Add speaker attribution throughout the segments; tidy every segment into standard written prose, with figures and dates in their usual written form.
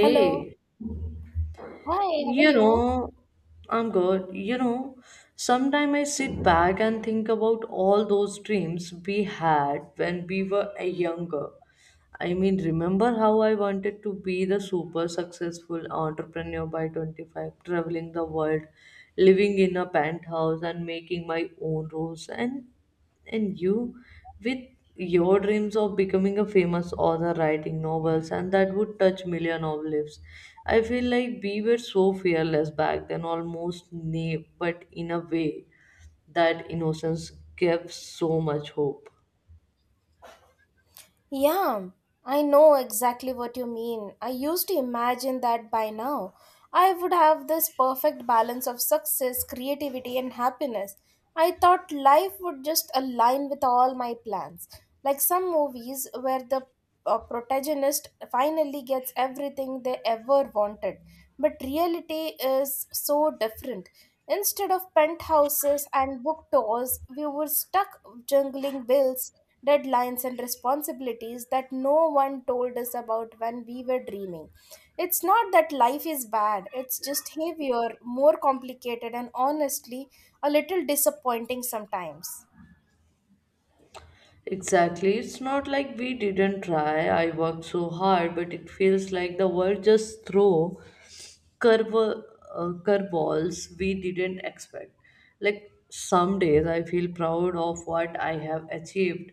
Speaker 1: Hello. Hi, how are
Speaker 2: you
Speaker 1: you?
Speaker 2: know, I'm good. You know, sometime I sit back and think about all those dreams we had when we were younger. I mean, remember how I wanted to be the super successful entrepreneur by 25, traveling the world, living in a penthouse, and making my own rules? And you, with your dreams of becoming a famous author, writing novels, and that would touch million of lives. I feel like we were so fearless back then, almost naive, but in a way that innocence gave so much hope.
Speaker 1: Yeah, I know exactly what you mean. I used to imagine that by now I would have this perfect balance of success, creativity, and happiness. I thought life would just align with all my plans, like some movies where the a protagonist finally gets everything they ever wanted. But reality is so different. Instead of penthouses and book tours, we were stuck juggling bills, deadlines, and responsibilities that no one told us about when we were dreaming. It's not that life is bad, it's just heavier, more complicated, and honestly, a little disappointing sometimes.
Speaker 2: Exactly. It's not like we didn't try. I worked so hard, but it feels like the world just threw curveballs we didn't expect. Like some days I feel proud of what I have achieved.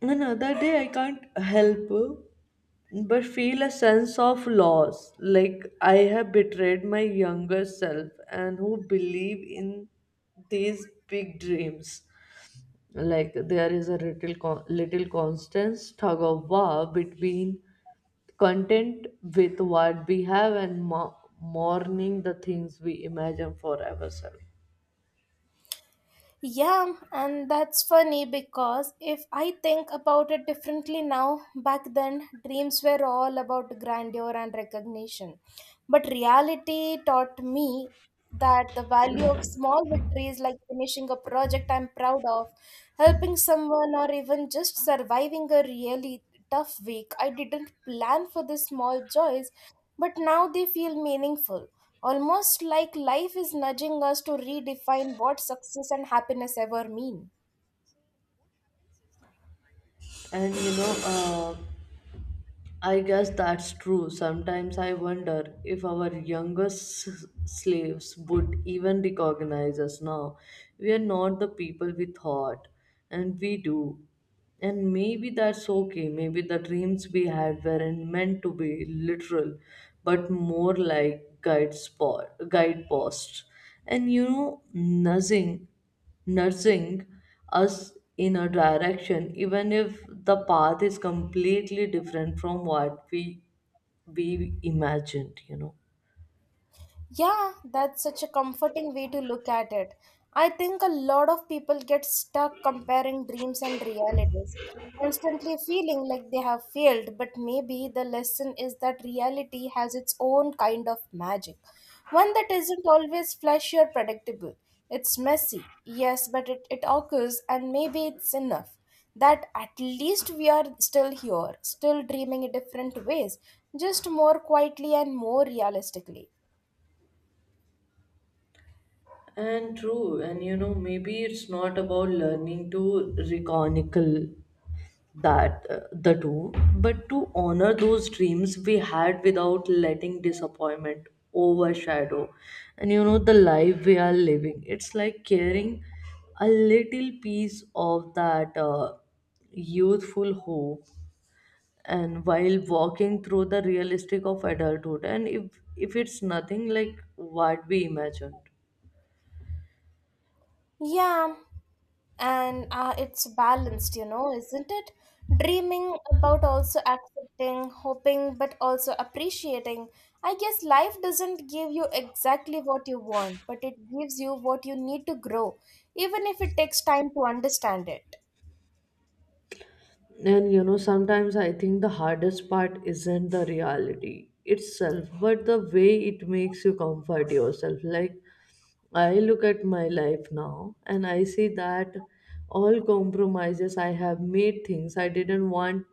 Speaker 2: Another day I can't help but feel a sense of loss. Like I have betrayed my younger self and who believe in these big dreams, like there is a little little constant tug of war between content with what we have and mourning the things we imagine for ourselves.
Speaker 1: Yeah, and that's funny because if I think about it differently now, back then dreams were all about grandeur and recognition. But reality taught me that the value of small victories like finishing a project I'm proud of, helping someone, or even just surviving a really tough week. I didn't plan for the small joys, but now they feel meaningful. Almost like life is nudging us to redefine what success and happiness ever mean.
Speaker 2: And you know I guess that's true. Sometimes I wonder if our slaves would even recognize us now. We are not the people we thought, and we do. And maybe that's okay. Maybe the dreams we had weren't meant to be literal, but more like guideposts. And you know, nudging us in a direction, even if the path is completely different from what we imagined.
Speaker 1: Yeah, that's such a comforting way to look at it. I think a lot of people get stuck comparing dreams and realities, constantly feeling like they have failed, but maybe the lesson is that reality has its own kind of magic, one that isn't always flashy or predictable. It's messy, yes, but it occurs, and maybe it's enough that at least we are still here, still dreaming in different ways, just more quietly and more realistically.
Speaker 2: And true, and you know, maybe it's not about learning to reconicle that the two, but to honor those dreams we had without letting disappointment overshadow. And you know, the life we are living, it's like carrying a little piece of that youthful hope and while walking through the realistic of adulthood, and if it's nothing like what we imagined.
Speaker 1: Yeah, and it's balanced, you know, isn't it? Dreaming about also accepting, hoping, but also appreciating. I guess life doesn't give you exactly what you want, but it gives you what you need to grow, even if it takes time to understand it.
Speaker 2: And you know, sometimes I think the hardest part isn't the reality itself, but the way it makes you comfort yourself. Like, I look at my life now and I see that all compromises I have made, things I didn't want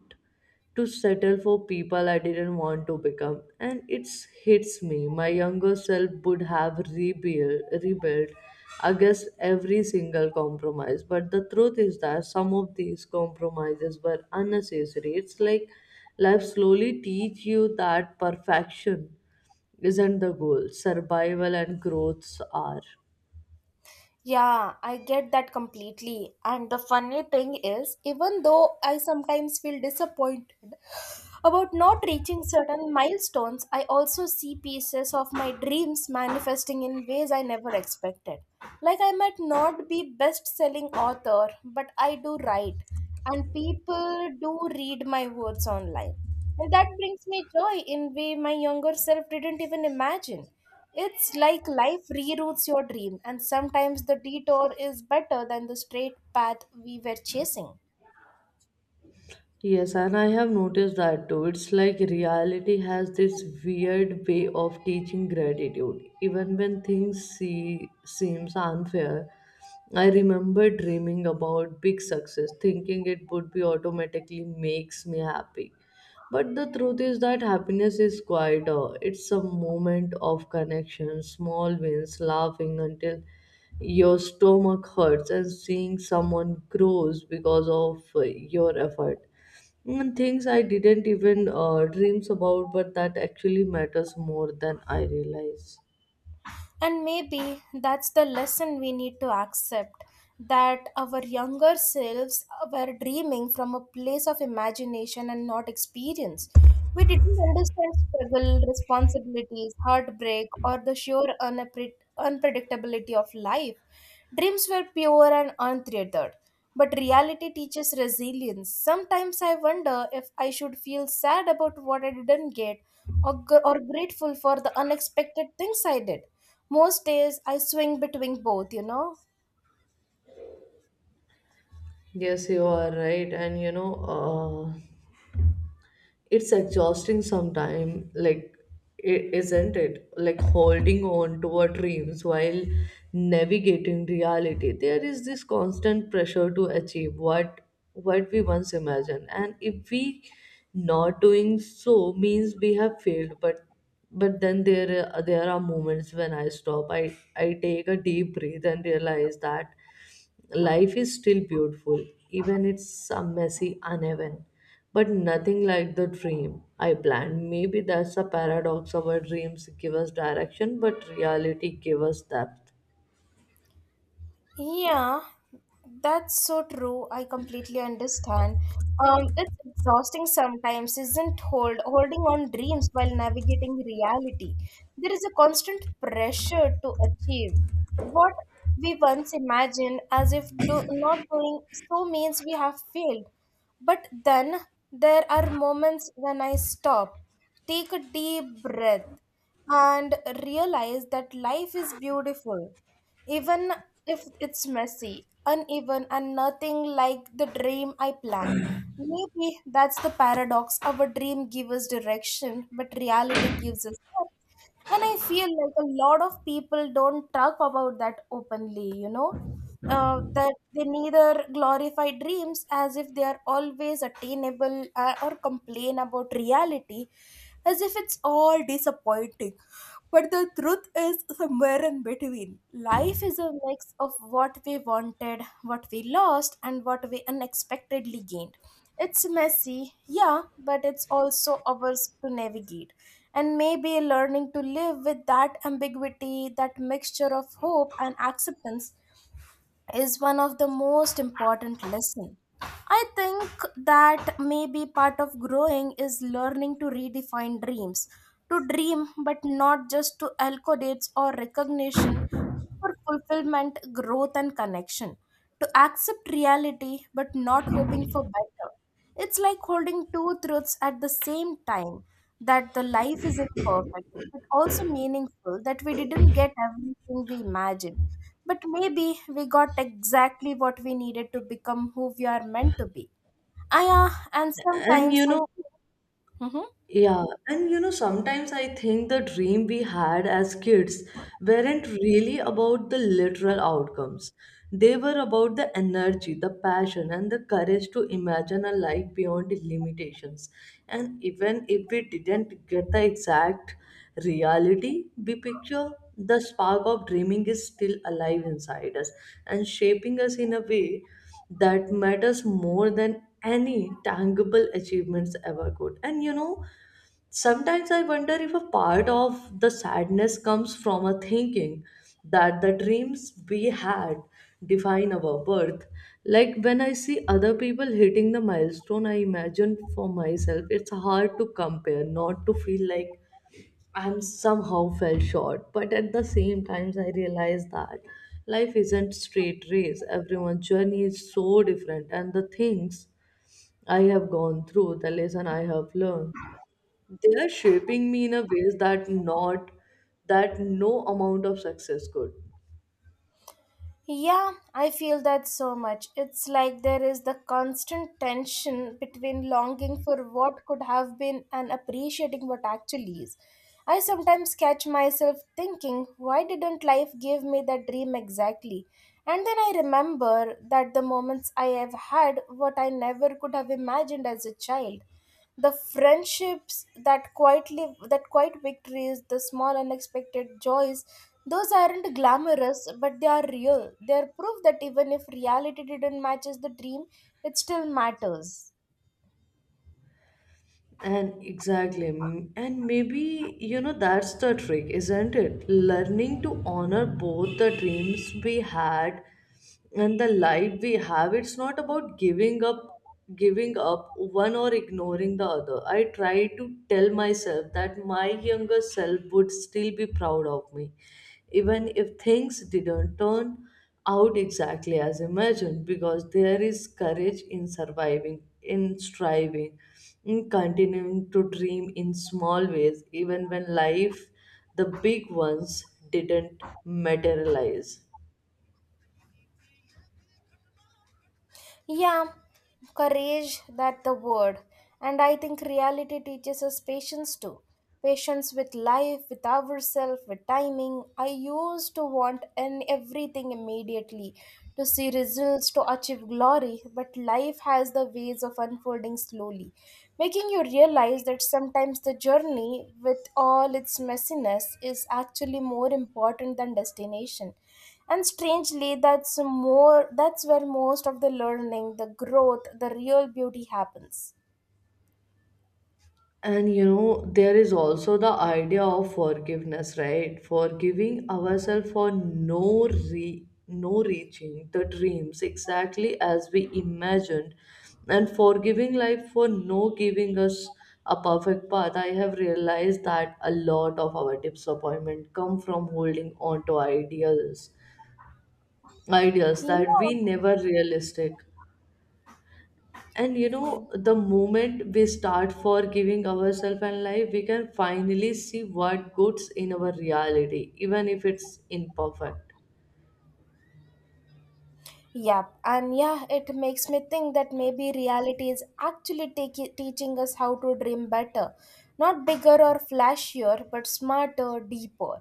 Speaker 2: to settle for, people I didn't want to become. And it hits me. My younger self would have rebuilt against every single compromise. But the truth is that some of these compromises were unnecessary. It's like life slowly teach you that perfection isn't the goal. Survival and growths are.
Speaker 1: Yeah, I get that completely. And the funny thing is, even though I sometimes feel disappointed about not reaching certain milestones, I also see pieces of my dreams manifesting in ways I never expected. Like I might not be best-selling author, but I do write, and people do read my words online. And that brings me joy in way my younger self didn't even imagine. It's like life reroutes your dream, and sometimes the detour is better than the straight path we were chasing.
Speaker 2: Yes, and I have noticed that too. It's like reality has this weird way of teaching gratitude, even when seems unfair. I remember dreaming about big success, thinking it would be automatically makes me happy. But the truth is that happiness is quieter. It's a moment of connection, small wins, laughing until your stomach hurts, and seeing someone grows because of your effort. And things I didn't even dreams about, but that actually matters more than I realize.
Speaker 1: And maybe that's the lesson we need to accept that our younger selves were dreaming from a place of imagination and not experience. We didn't understand struggle, responsibilities, heartbreak, or the sheer unpredictability of life. Dreams were pure and untethered, but reality teaches resilience. Sometimes I wonder if I should feel sad about what I didn't get or or grateful for the unexpected things I did. Most days I swing between both, you know.
Speaker 2: Yes, you are right. And you know, it's exhausting sometimes, like isn't it, like holding on to our dreams while navigating reality. There is this constant pressure to achieve what we once imagined, and if we not doing so means we have failed. But then there are moments when I stop, I take a deep breath and realize that life is still beautiful, even it's some messy uneven. But nothing like the dream I planned. Maybe that's a paradox. Our dreams give us direction, but reality give us depth.
Speaker 1: Yeah, that's so true. I completely understand. It's exhausting sometimes, isn't holding on dreams while navigating reality. There is a constant pressure to achieve what we once imagined, as if not doing so means we have failed. But then there are moments when I stop, take a deep breath, and realize that life is beautiful, even if it's messy, uneven, and nothing like the dream I planned. Maybe that's the paradox. Our dream gives us direction, but reality gives us depth. And I feel like a lot of people don't talk about that openly, you know? That they neither glorify dreams as if they are always attainable or complain about reality as if it's all disappointing. But the truth is somewhere in between. Life is a mix of what we wanted, what we lost, and what we unexpectedly gained. It's messy, yeah, but it's also ours to navigate. And maybe learning to live with that ambiguity, that mixture of hope and acceptance is one of the most important lesson. I think that maybe part of growing is learning to redefine dreams, to dream but not just to accolades or recognition for fulfillment, growth and connection, to accept reality but not hoping for better. It's like holding two truths at the same time that the life is imperfect but also meaningful that we didn't get everything we imagined but maybe we got exactly what we needed to become who we are meant to be. And
Speaker 2: And
Speaker 1: sometimes
Speaker 2: you
Speaker 1: I.
Speaker 2: know,
Speaker 1: Mhm.
Speaker 2: yeah, and you know, sometimes I think the dream we had as kids weren't really about the literal outcomes. They were about the energy, the passion, and the courage to imagine a life beyond limitations. And even if we didn't get the exact reality we picture, the spark of dreaming is still alive inside us and shaping us in a way that matters more than any tangible achievements ever could. And you know, sometimes I wonder if a part of the sadness comes from a thinking that the dreams we had define our worth. Like when I see other people hitting the milestone I imagine for myself, it's hard to compare, not to feel like I'm somehow fell short. But at the same time, I realize that life isn't straight race. Everyone's journey is so different, and the things I have gone through, the lesson I have learned, they are shaping me in a ways that no amount of success could.
Speaker 1: Yeah, I feel that so much. It's like there is the constant tension between longing for what could have been and appreciating what actually is. I sometimes catch myself thinking, why didn't life give me that dream exactly? And then I remember that the moments I have had what I never could have imagined as a child. The friendships that quiet victories, the small unexpected joys, those aren't glamorous, but they are real. They're proof that even if reality didn't matches the dream, it still matters.
Speaker 2: And exactly, and maybe you know that's the trick, isn't it? Learning to honor both the dreams we had and the life we have. It's not about giving up one or ignoring the other. I try to tell myself that my younger self would still be proud of me, even if things didn't turn out exactly as imagined, because there is courage in surviving, in striving, in continuing to dream in small ways, even when life, the big ones, didn't materialize.
Speaker 1: Yeah, courage, that the word. And I think reality teaches us patience too. Patience with life, with ourselves, with timing. I used to want and everything immediately, to see results, to achieve glory, but life has the ways of unfolding slowly, making you realize that sometimes the journey, with all its messiness, is actually more important than destination, and strangely that's where most of the learning, the growth, the real beauty happens.
Speaker 2: And you know, there is also the idea of forgiveness, right? Forgiving ourselves for no reaching the dreams exactly as we imagined, and forgiving life for no giving us a perfect path. I have realized that a lot of our disappointment come from holding on to ideals, ideas
Speaker 1: Yeah.
Speaker 2: that we never realistic. And you
Speaker 1: Yeah.
Speaker 2: know, the moment we start forgiving ourselves and life, we can finally see what goods in our reality, even if it's imperfect.
Speaker 1: Yep, and yeah, it makes me think that maybe reality is actually teaching us how to dream better. Not bigger or flashier, but smarter, deeper.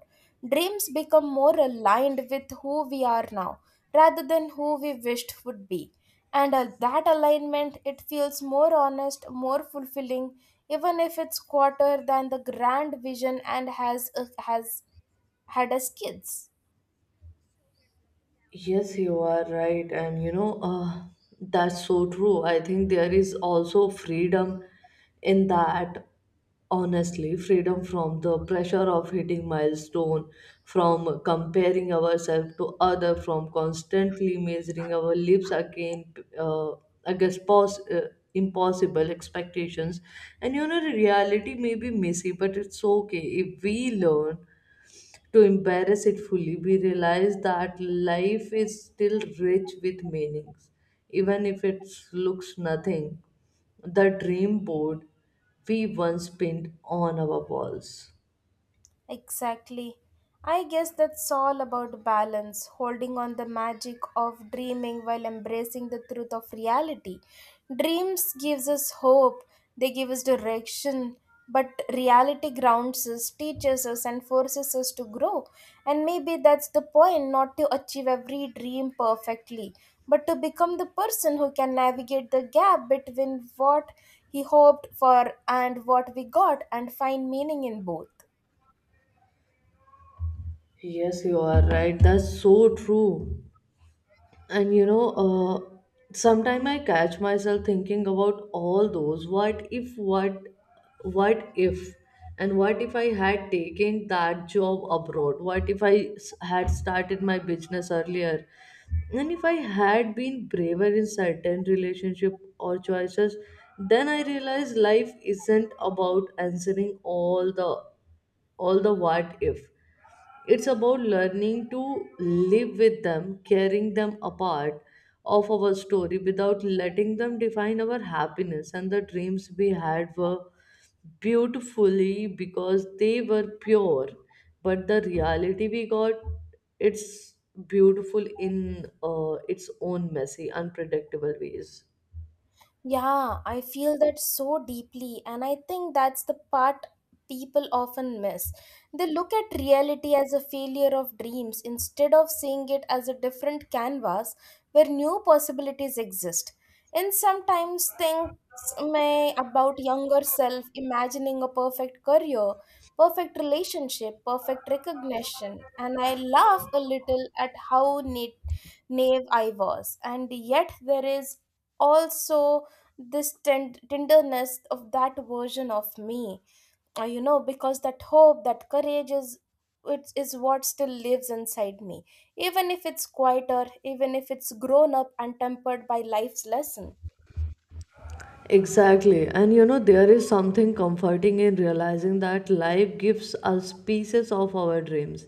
Speaker 1: Dreams become more aligned with who we are now, rather than who we wished would be. And that alignment, it feels more honest, more fulfilling, even if it's quarter than the grand vision and has had as kids.
Speaker 2: Yes, you are right. And you know, that's so true. I think there is also freedom in that, honestly, freedom from the pressure of hitting milestone, from comparing ourselves to other, from constantly measuring our lives uh, against impossible expectations. And you know, the reality may be messy, but it's okay if we learn to embrace it fully, we realize that life is still rich with meanings, even if it looks nothing. The dream board we once pinned on our walls.
Speaker 1: Exactly. I guess that's all about balance, holding on the magic of dreaming while embracing the truth of reality. Dreams gives us hope, they give us direction, but reality grounds us, teaches us and forces us to grow. And maybe that's the point, not to achieve every dream perfectly, but to become the person who can navigate the gap between what he hoped for and what we got and find meaning in both.
Speaker 2: Yes, you are right. That's so true. And you know, sometimes I catch myself thinking about all those what if, and what if I had taken that job abroad? What if had started my business earlier? And if I had been braver in certain relationship or choices, then I realized life isn't about answering all the what if. It's about learning to live with them, carrying them apart of our story without letting them define our happiness, and the dreams we had were beautifully because they were pure, but the reality we got, it's beautiful in its own messy unpredictable ways.
Speaker 1: Yeah, I feel that so deeply, and I think that's the part people often miss. They look at reality as a failure of dreams instead of seeing it as a different canvas where new possibilities exist. And sometimes things may about younger self imagining a perfect career, perfect relationship, perfect recognition, and I laugh a little at how naive I was, and yet there is also this tenderness of that version of me, you know, because that hope, that courage is, it is what still lives inside me, even if it's quieter, even if it's grown up and tempered by life's lesson.
Speaker 2: Exactly. And you know, there is something comforting in realizing that life gives us pieces of our dreams.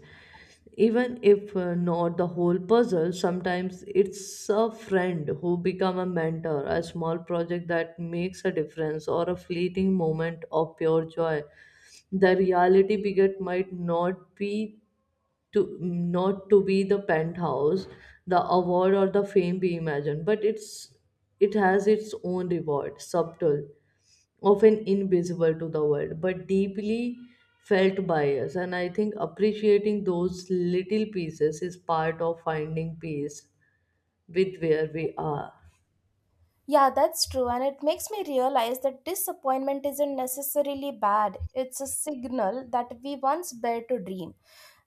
Speaker 2: Even if not the whole puzzle, sometimes it's a friend who become a mentor, a small project that makes a difference, or a fleeting moment of pure joy. The reality beget might not to be the penthouse, the award, or the fame we imagine, but it's, it has its own reward, subtle, often invisible to the world but deeply felt by us. And I think appreciating those little pieces is part of finding peace with where we are.
Speaker 1: Yeah, that's true, and it makes me realize that disappointment isn't necessarily bad. It's a signal that we once bear to dream,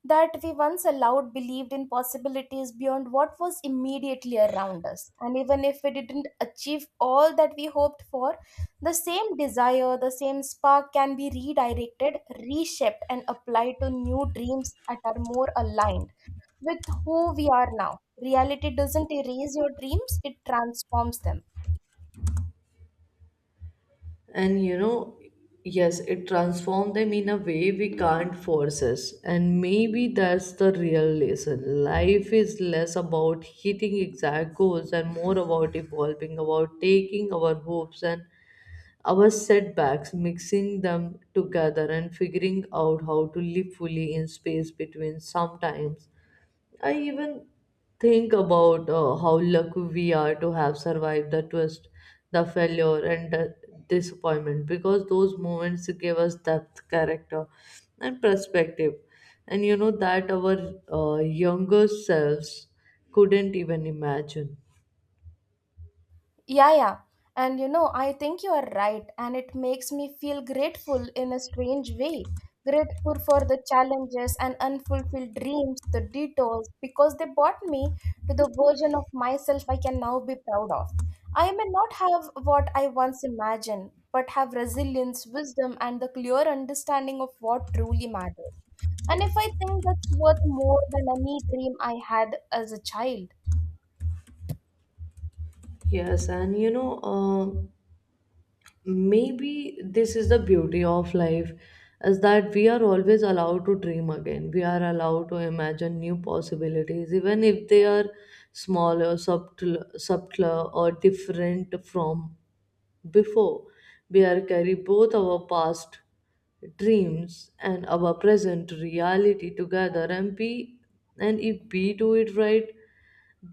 Speaker 1: that we once allowed believed in possibilities beyond what was immediately around us. And even if we didn't achieve all that we hoped for, the same desire, the same spark can be redirected, reshaped, and applied to new dreams that are more aligned with who we are now. Reality doesn't erase your dreams, it transforms them.
Speaker 2: And you know, yes, it transformed them in a way we can't force us. And maybe that's the real lesson. Life is less about hitting exact goals and more about evolving, about taking our hopes and our setbacks, mixing them together and figuring out how to live fully in space between. Sometimes I even think about how lucky we are to have survived the twist, the failure, and the disappointment, because those moments gave us depth, character, and perspective. And you know, that our younger selves couldn't even imagine.
Speaker 1: Yeah, yeah. And you know, I think you are right. And it makes me feel grateful in a strange way. Grateful for the challenges and unfulfilled dreams, the detours, because they brought me to the version of myself I can now be proud of. I may not have what I once imagined, but have resilience, wisdom, and the clear understanding of what truly matters. And if I think that's worth more than any dream I had as a child.
Speaker 2: Yes, and you know. Maybe this is the beauty of life, is that we are always allowed to dream again. We are allowed to imagine new possibilities, even if they are smaller subtler, or different from before. Bear carry both our past dreams and our present reality together, and be, and if we do it right,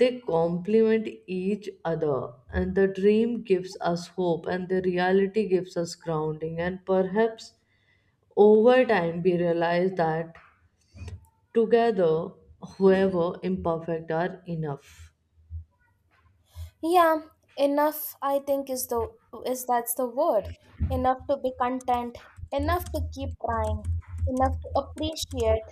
Speaker 2: they complement each other. And the dream gives us hope and the reality gives us grounding, and perhaps over time we realize that together however imperfect are enough.
Speaker 1: Yeah, enough I think is the is that's the word. Enough to be content, enough to keep trying, enough to appreciate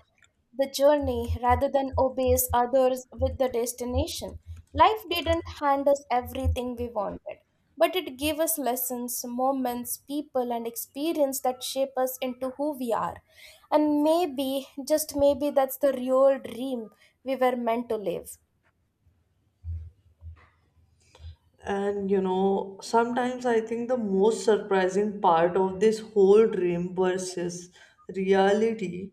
Speaker 1: the journey rather than obeys others with the destination. Life didn't hand us everything we wanted, but it gave us lessons, moments, people and experience that shape us into who we are. And maybe, just maybe that's the real dream we were meant to live.
Speaker 2: And you know, sometimes I think the most surprising part of this whole dream versus reality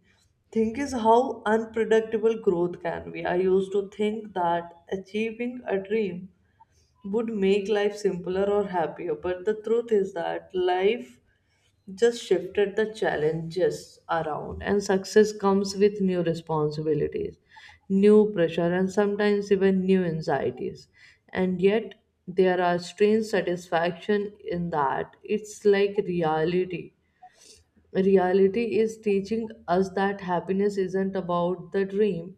Speaker 2: thing is how unpredictable growth can be. I used to think that achieving a dream would make life simpler or happier, but the truth is that life just shifted the challenges around, and success comes with new responsibilities, new pressure, and sometimes even new anxieties. And yet there are strange satisfaction in that. It's like reality is teaching us that happiness isn't about the dream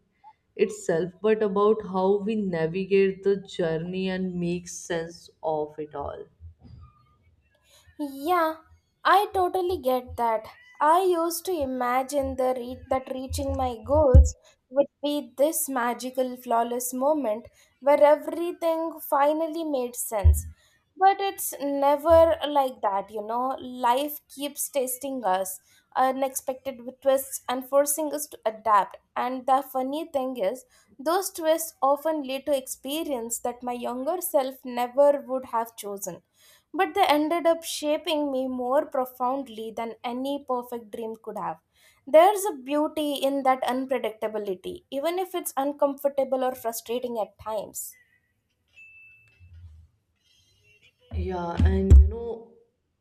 Speaker 2: itself, but about how we navigate the journey and make sense of it all.
Speaker 1: Yeah, I totally get that. I used to imagine that reaching my goals would be this magical, flawless moment where everything finally made sense. But it's never like that, you know. Life keeps testing us, unexpected twists, and forcing us to adapt. And the funny thing is, those twists often lead to experience that my younger self never would have chosen, but they ended up shaping me more profoundly than any perfect dream could have. There's a beauty in that unpredictability, even if it's uncomfortable or frustrating at times.
Speaker 2: Yeah, and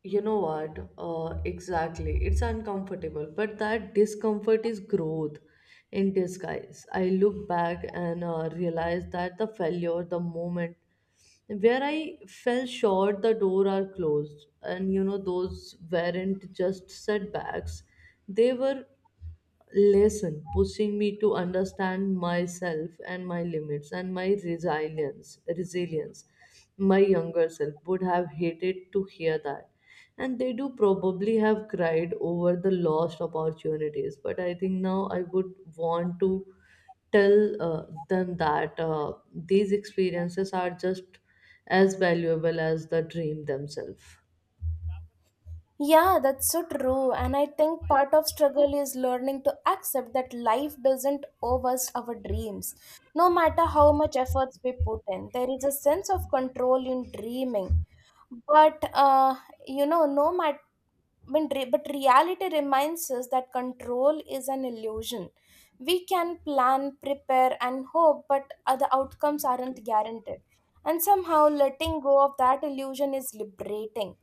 Speaker 2: you know what? Exactly. It's uncomfortable, but that discomfort is growth in disguise. I look back and realize that the failure, the moment where I fell short, the door are closed, and you know those weren't just setbacks; they were lesson, pushing me to understand myself and my limits and my resilience. My younger self would have hated to hear that, and they do probably have cried over the lost opportunities. But I think now I would want to tell them that these experiences are just as valuable as the dream themselves.
Speaker 1: Yeah, that's so true. And I think part of struggle is learning to accept that life doesn't owe us our dreams. No matter how much efforts we put in, there is a sense of control in dreaming. But, uh, you know, no matter when re- but reality reminds us that control is an illusion. We can plan, prepare, and hope, but other outcomes aren't guaranteed. And somehow letting go of that illusion is liberating.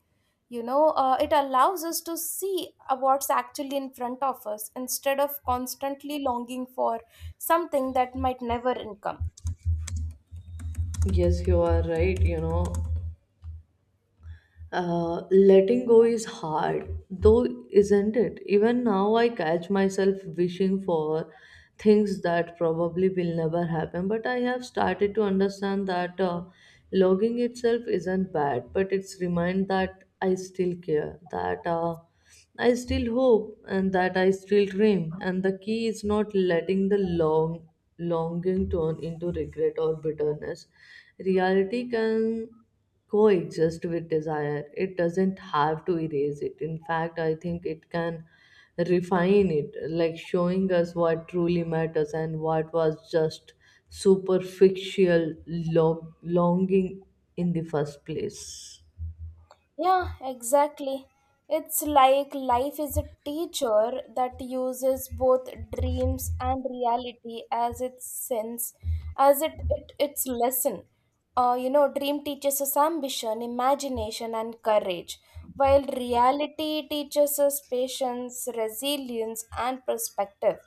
Speaker 1: It allows us to see what's actually in front of us instead of constantly longing for something that might never come.
Speaker 2: Yes, you are right. You know, letting go is hard, though, isn't it? Even now, I catch myself wishing for things that probably will never happen. But I have started to understand that logging itself isn't bad, but it's remind that I still care. That I still hope and that I still dream, and the key is not letting the longing turn into regret or bitterness. Reality can coexist with desire. It doesn't have to erase it. In fact, I think it can refine it, like showing us what truly matters and what was just superficial longing in the first place.
Speaker 1: Yeah, exactly. It's like life is a teacher that uses both dreams and reality as its sense, as it, it its lesson. You know, dream teaches us ambition, imagination, and courage, while reality teaches us patience, resilience, and perspective.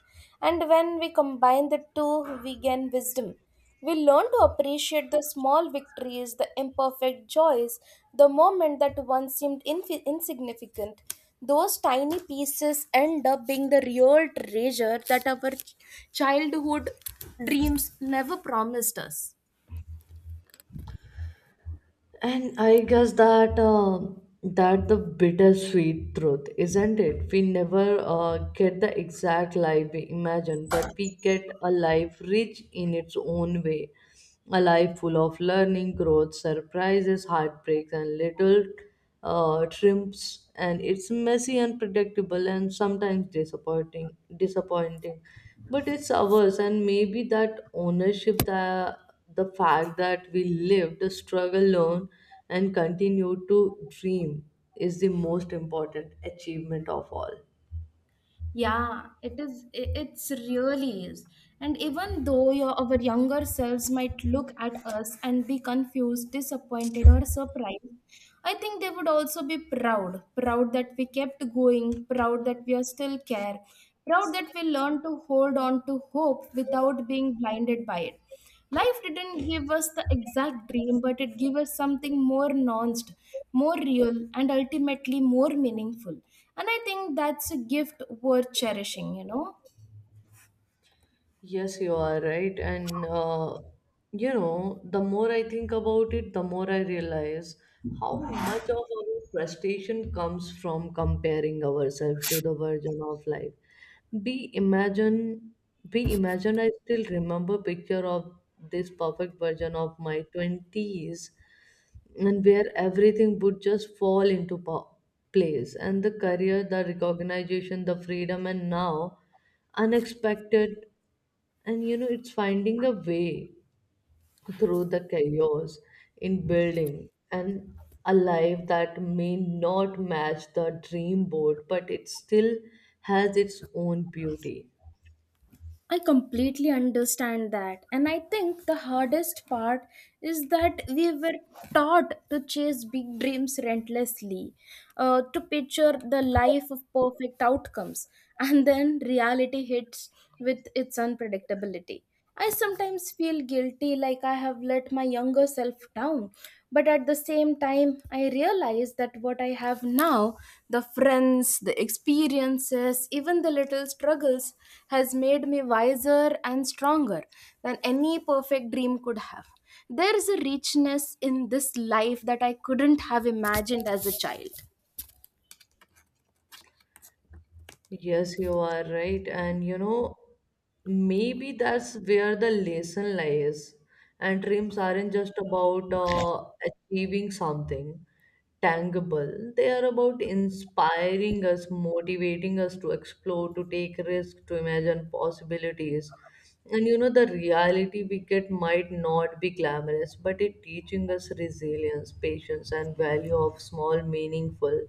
Speaker 1: And when we combine the two, we gain wisdom. We learn to appreciate the small victories, the imperfect joys, the moment that once seemed infi insignificant. Those tiny pieces end up being the real treasure that our childhood dreams never promised us.
Speaker 2: And I guess that the bittersweet truth, isn't it? We never get the exact life we imagine, but we get a life rich in its own way, a life full of learning, growth, surprises, heartbreaks, and little trims and it's messy, unpredictable, and sometimes disappointing, but it's ours, and maybe that ownership, that the fact that we lived the struggle, learn, and continue to dream is the most important achievement of all.
Speaker 1: Yeah, it is. It's really is. And even though your our younger selves might look at us and be confused, disappointed, or surprised, I think they would also be proud. Proud that we kept going. Proud that we are still care. Proud that we learned to hold on to hope without being blinded by it. Life didn't give us the exact dream, but it gave us something more nuanced, more real, and ultimately more meaningful. And I think that's a gift worth cherishing.
Speaker 2: Yes, you are right. And, you know, the more I think about it, the more I realize how much of our frustration comes from comparing ourselves to the version of life. We imagine, we imagine, I still remember picture of this perfect version of my 20s, and where everything would just fall into place, and the career, the recognition, the freedom, and now unexpected. And you know, it's finding a way through the chaos, in building and a life that may not match the dream board, but it still has its own beauty.
Speaker 1: I completely understand that. And I think the hardest part is that we were taught to chase big dreams relentlessly, to picture the life of perfect outcomes. And then reality hits with its unpredictability. I sometimes feel guilty, like I have let my younger self down. But at the same time, I realize that what I have now, the friends, the experiences, even the little struggles, has made me wiser and stronger than any perfect dream could have. There is a richness in this life that I couldn't have imagined as a child.
Speaker 2: Yes, you are right. And you know, maybe that's where the lesson lies. And dreams aren't just about achieving something tangible, they are about inspiring us, motivating us to explore, to take risks, to imagine possibilities. And you know, the reality we get might not be glamorous, but it teaching us resilience, patience, and value of small, meaningful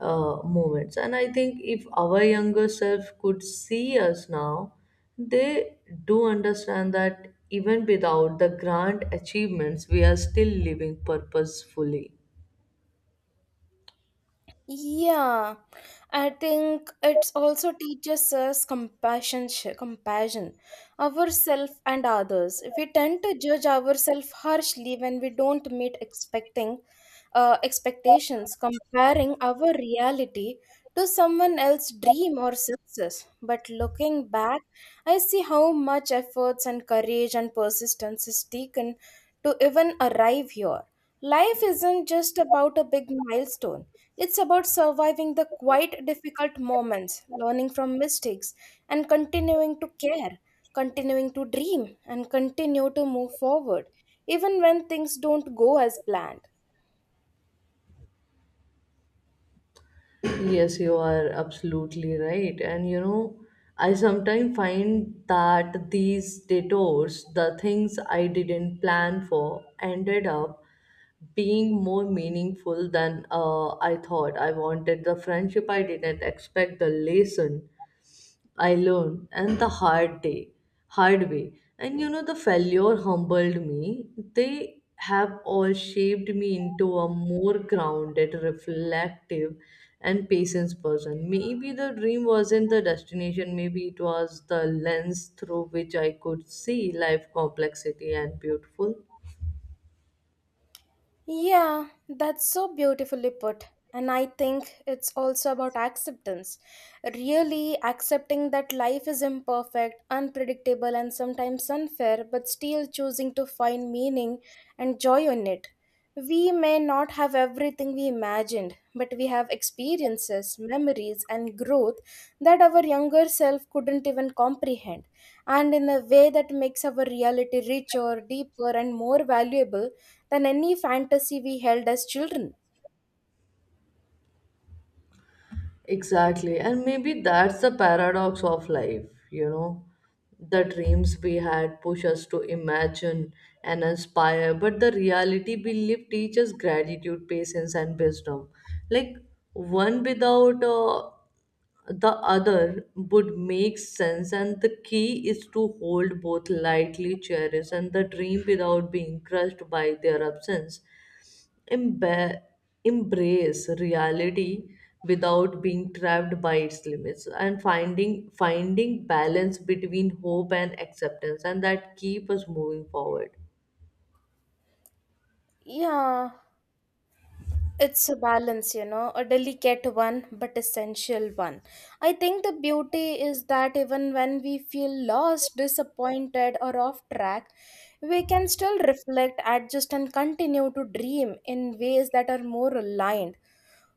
Speaker 2: moments. And I think if our younger self could see us now, they do understand that even without the grand achievements, we are still living purposefully.
Speaker 1: Yeah, I think it also teaches us compassion, compassion, ourselves and others. We tend to judge ourselves harshly when we don't meet expecting expectations, comparing our reality to someone else's dream or success. But looking back, I see how much efforts and courage and persistence is taken to even arrive here. Life isn't just about a big milestone. It's about surviving the quite difficult moments, learning from mistakes, and continuing to care, continuing to dream, and continue to move forward, even when things don't go as planned.
Speaker 2: Yes, you are absolutely right. And you know, I sometimes find that these detours, the things I didn't plan for, ended up being more meaningful than I thought. I wanted the friendship, I didn't expect the lesson I learned, and the hard way. And you know, the failure humbled me. They have all shaped me into a more grounded, reflective, and patient person. Maybe the dream wasn't the destination. Maybe it was the lens through which I could see life complexity and beautiful.
Speaker 1: Yeah, that's so beautifully put. And I think it's also about acceptance. Really accepting that life is imperfect, unpredictable, and sometimes unfair, but still choosing to find meaning and joy in it. We may not have everything we imagined, but we have experiences, memories, and growth that our younger self couldn't even comprehend. And in a way, that makes our reality richer, deeper, and more valuable than any fantasy we held as children.
Speaker 2: Exactly. And maybe that's the paradox of life, you know. The dreams we had push us to imagine and aspire, but the reality we live teaches gratitude, patience, and wisdom. Like one without the other would make sense, and the key is to hold both lightly, cherish, and the dream without being crushed by their absence, emba- embrace reality without being trapped by its limits, and finding balance between hope and acceptance, and that keep us moving forward.
Speaker 1: Yeah, it's a balance, you know, a delicate one but essential one. I think the beauty is that even when we feel lost, disappointed, or off track, we can still reflect, adjust, and continue to dream in ways that are more aligned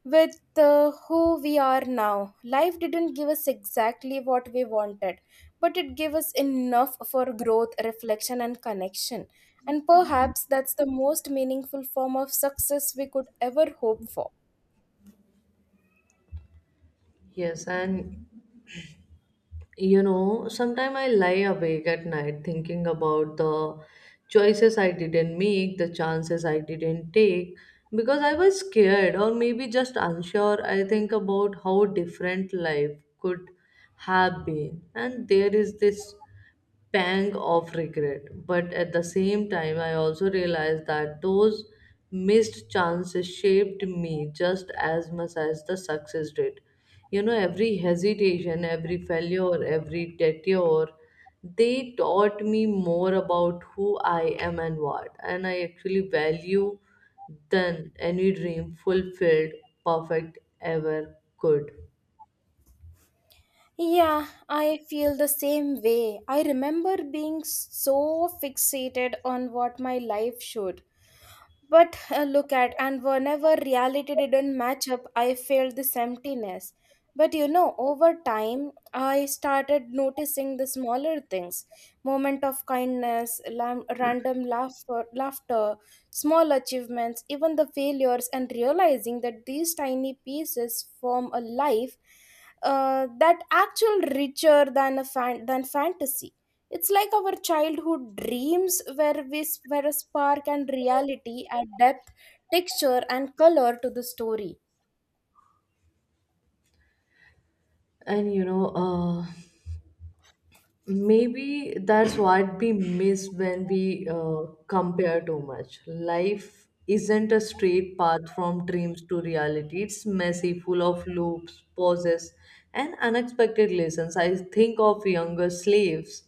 Speaker 1: with who we are now. Life didn't give us exactly what we wanted, but it gave us enough for growth, reflection, and connection. And perhaps that's the most meaningful form of success we could ever hope for.
Speaker 2: Yes, and you know, sometimes I lie awake at night thinking about the choices I didn't make, the chances I didn't take, because I was scared or maybe just unsure. I think about how different life could have been, and there is this pang of regret. But at the same time, I also realized that those missed chances shaped me just as much as the success did. You know, every hesitation, every failure, every detour, they taught me more about who I am and what. And I actually value than any dream fulfilled, perfect ever could.
Speaker 1: Yeah, I feel the same way. I remember being so fixated on what my life should. But look at, and whenever reality didn't match up, I felt this emptiness. But you know, over time, I started noticing the smaller things, moment of kindness, random laughter, laughter, small achievements, even the failures, and realizing that these tiny pieces form a life that actual richer than than fantasy. It's like our childhood dreams where where a spark and reality add depth, texture, and color to the story.
Speaker 2: And you know, maybe that's what we miss when we compare too much. Life isn't a straight path from dreams to reality, it's messy, full of loops, pauses, and unexpected lessons. I think of younger slaves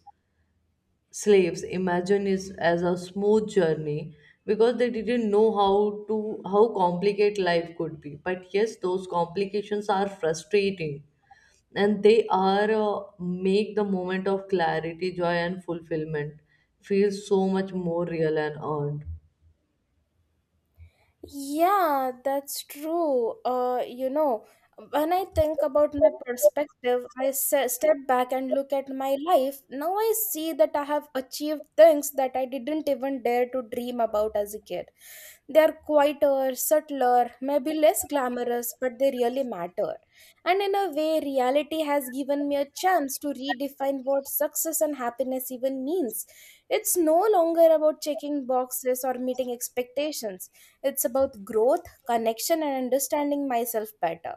Speaker 2: slaves imagine it as a smooth journey because they didn't know how to how complicated life could be. But yes, those complications are frustrating, and they are make the moment of clarity, joy, and fulfillment feel so much more real and earned.
Speaker 1: Yeah, that's true. You know, when I think about my perspective, I step back and look at my life. Now I see that I have achieved things that I didn't even dare to dream about as a kid. They're quieter, subtler, maybe less glamorous, but they really matter. And in a way, reality has given me a chance to redefine what success and happiness even means. It's no longer about checking boxes or meeting expectations, it's about growth, connection, and understanding myself better.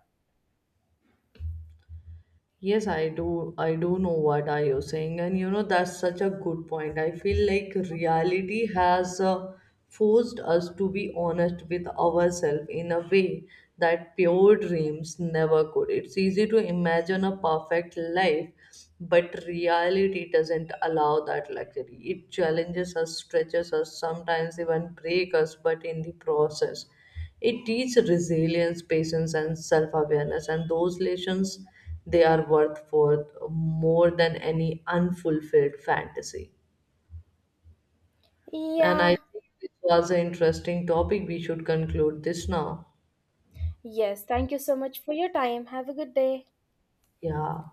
Speaker 2: Yes, I do. I do know what are you saying, and you know that's such a good point. I feel like reality has forced us to be honest with ourselves in a way that pure dreams never could. It's easy to imagine a perfect life, but reality doesn't allow that luxury. It challenges us, stretches us, sometimes even breaks us, but in the process. It teaches resilience, patience, and self-awareness, and those lessons they are worth for more than any unfulfilled fantasy. And
Speaker 1: Yeah,
Speaker 2: I think this was an interesting topic. We should conclude this now.
Speaker 1: yes. Thank you so much for your time. Have a good day.
Speaker 2: Yeah.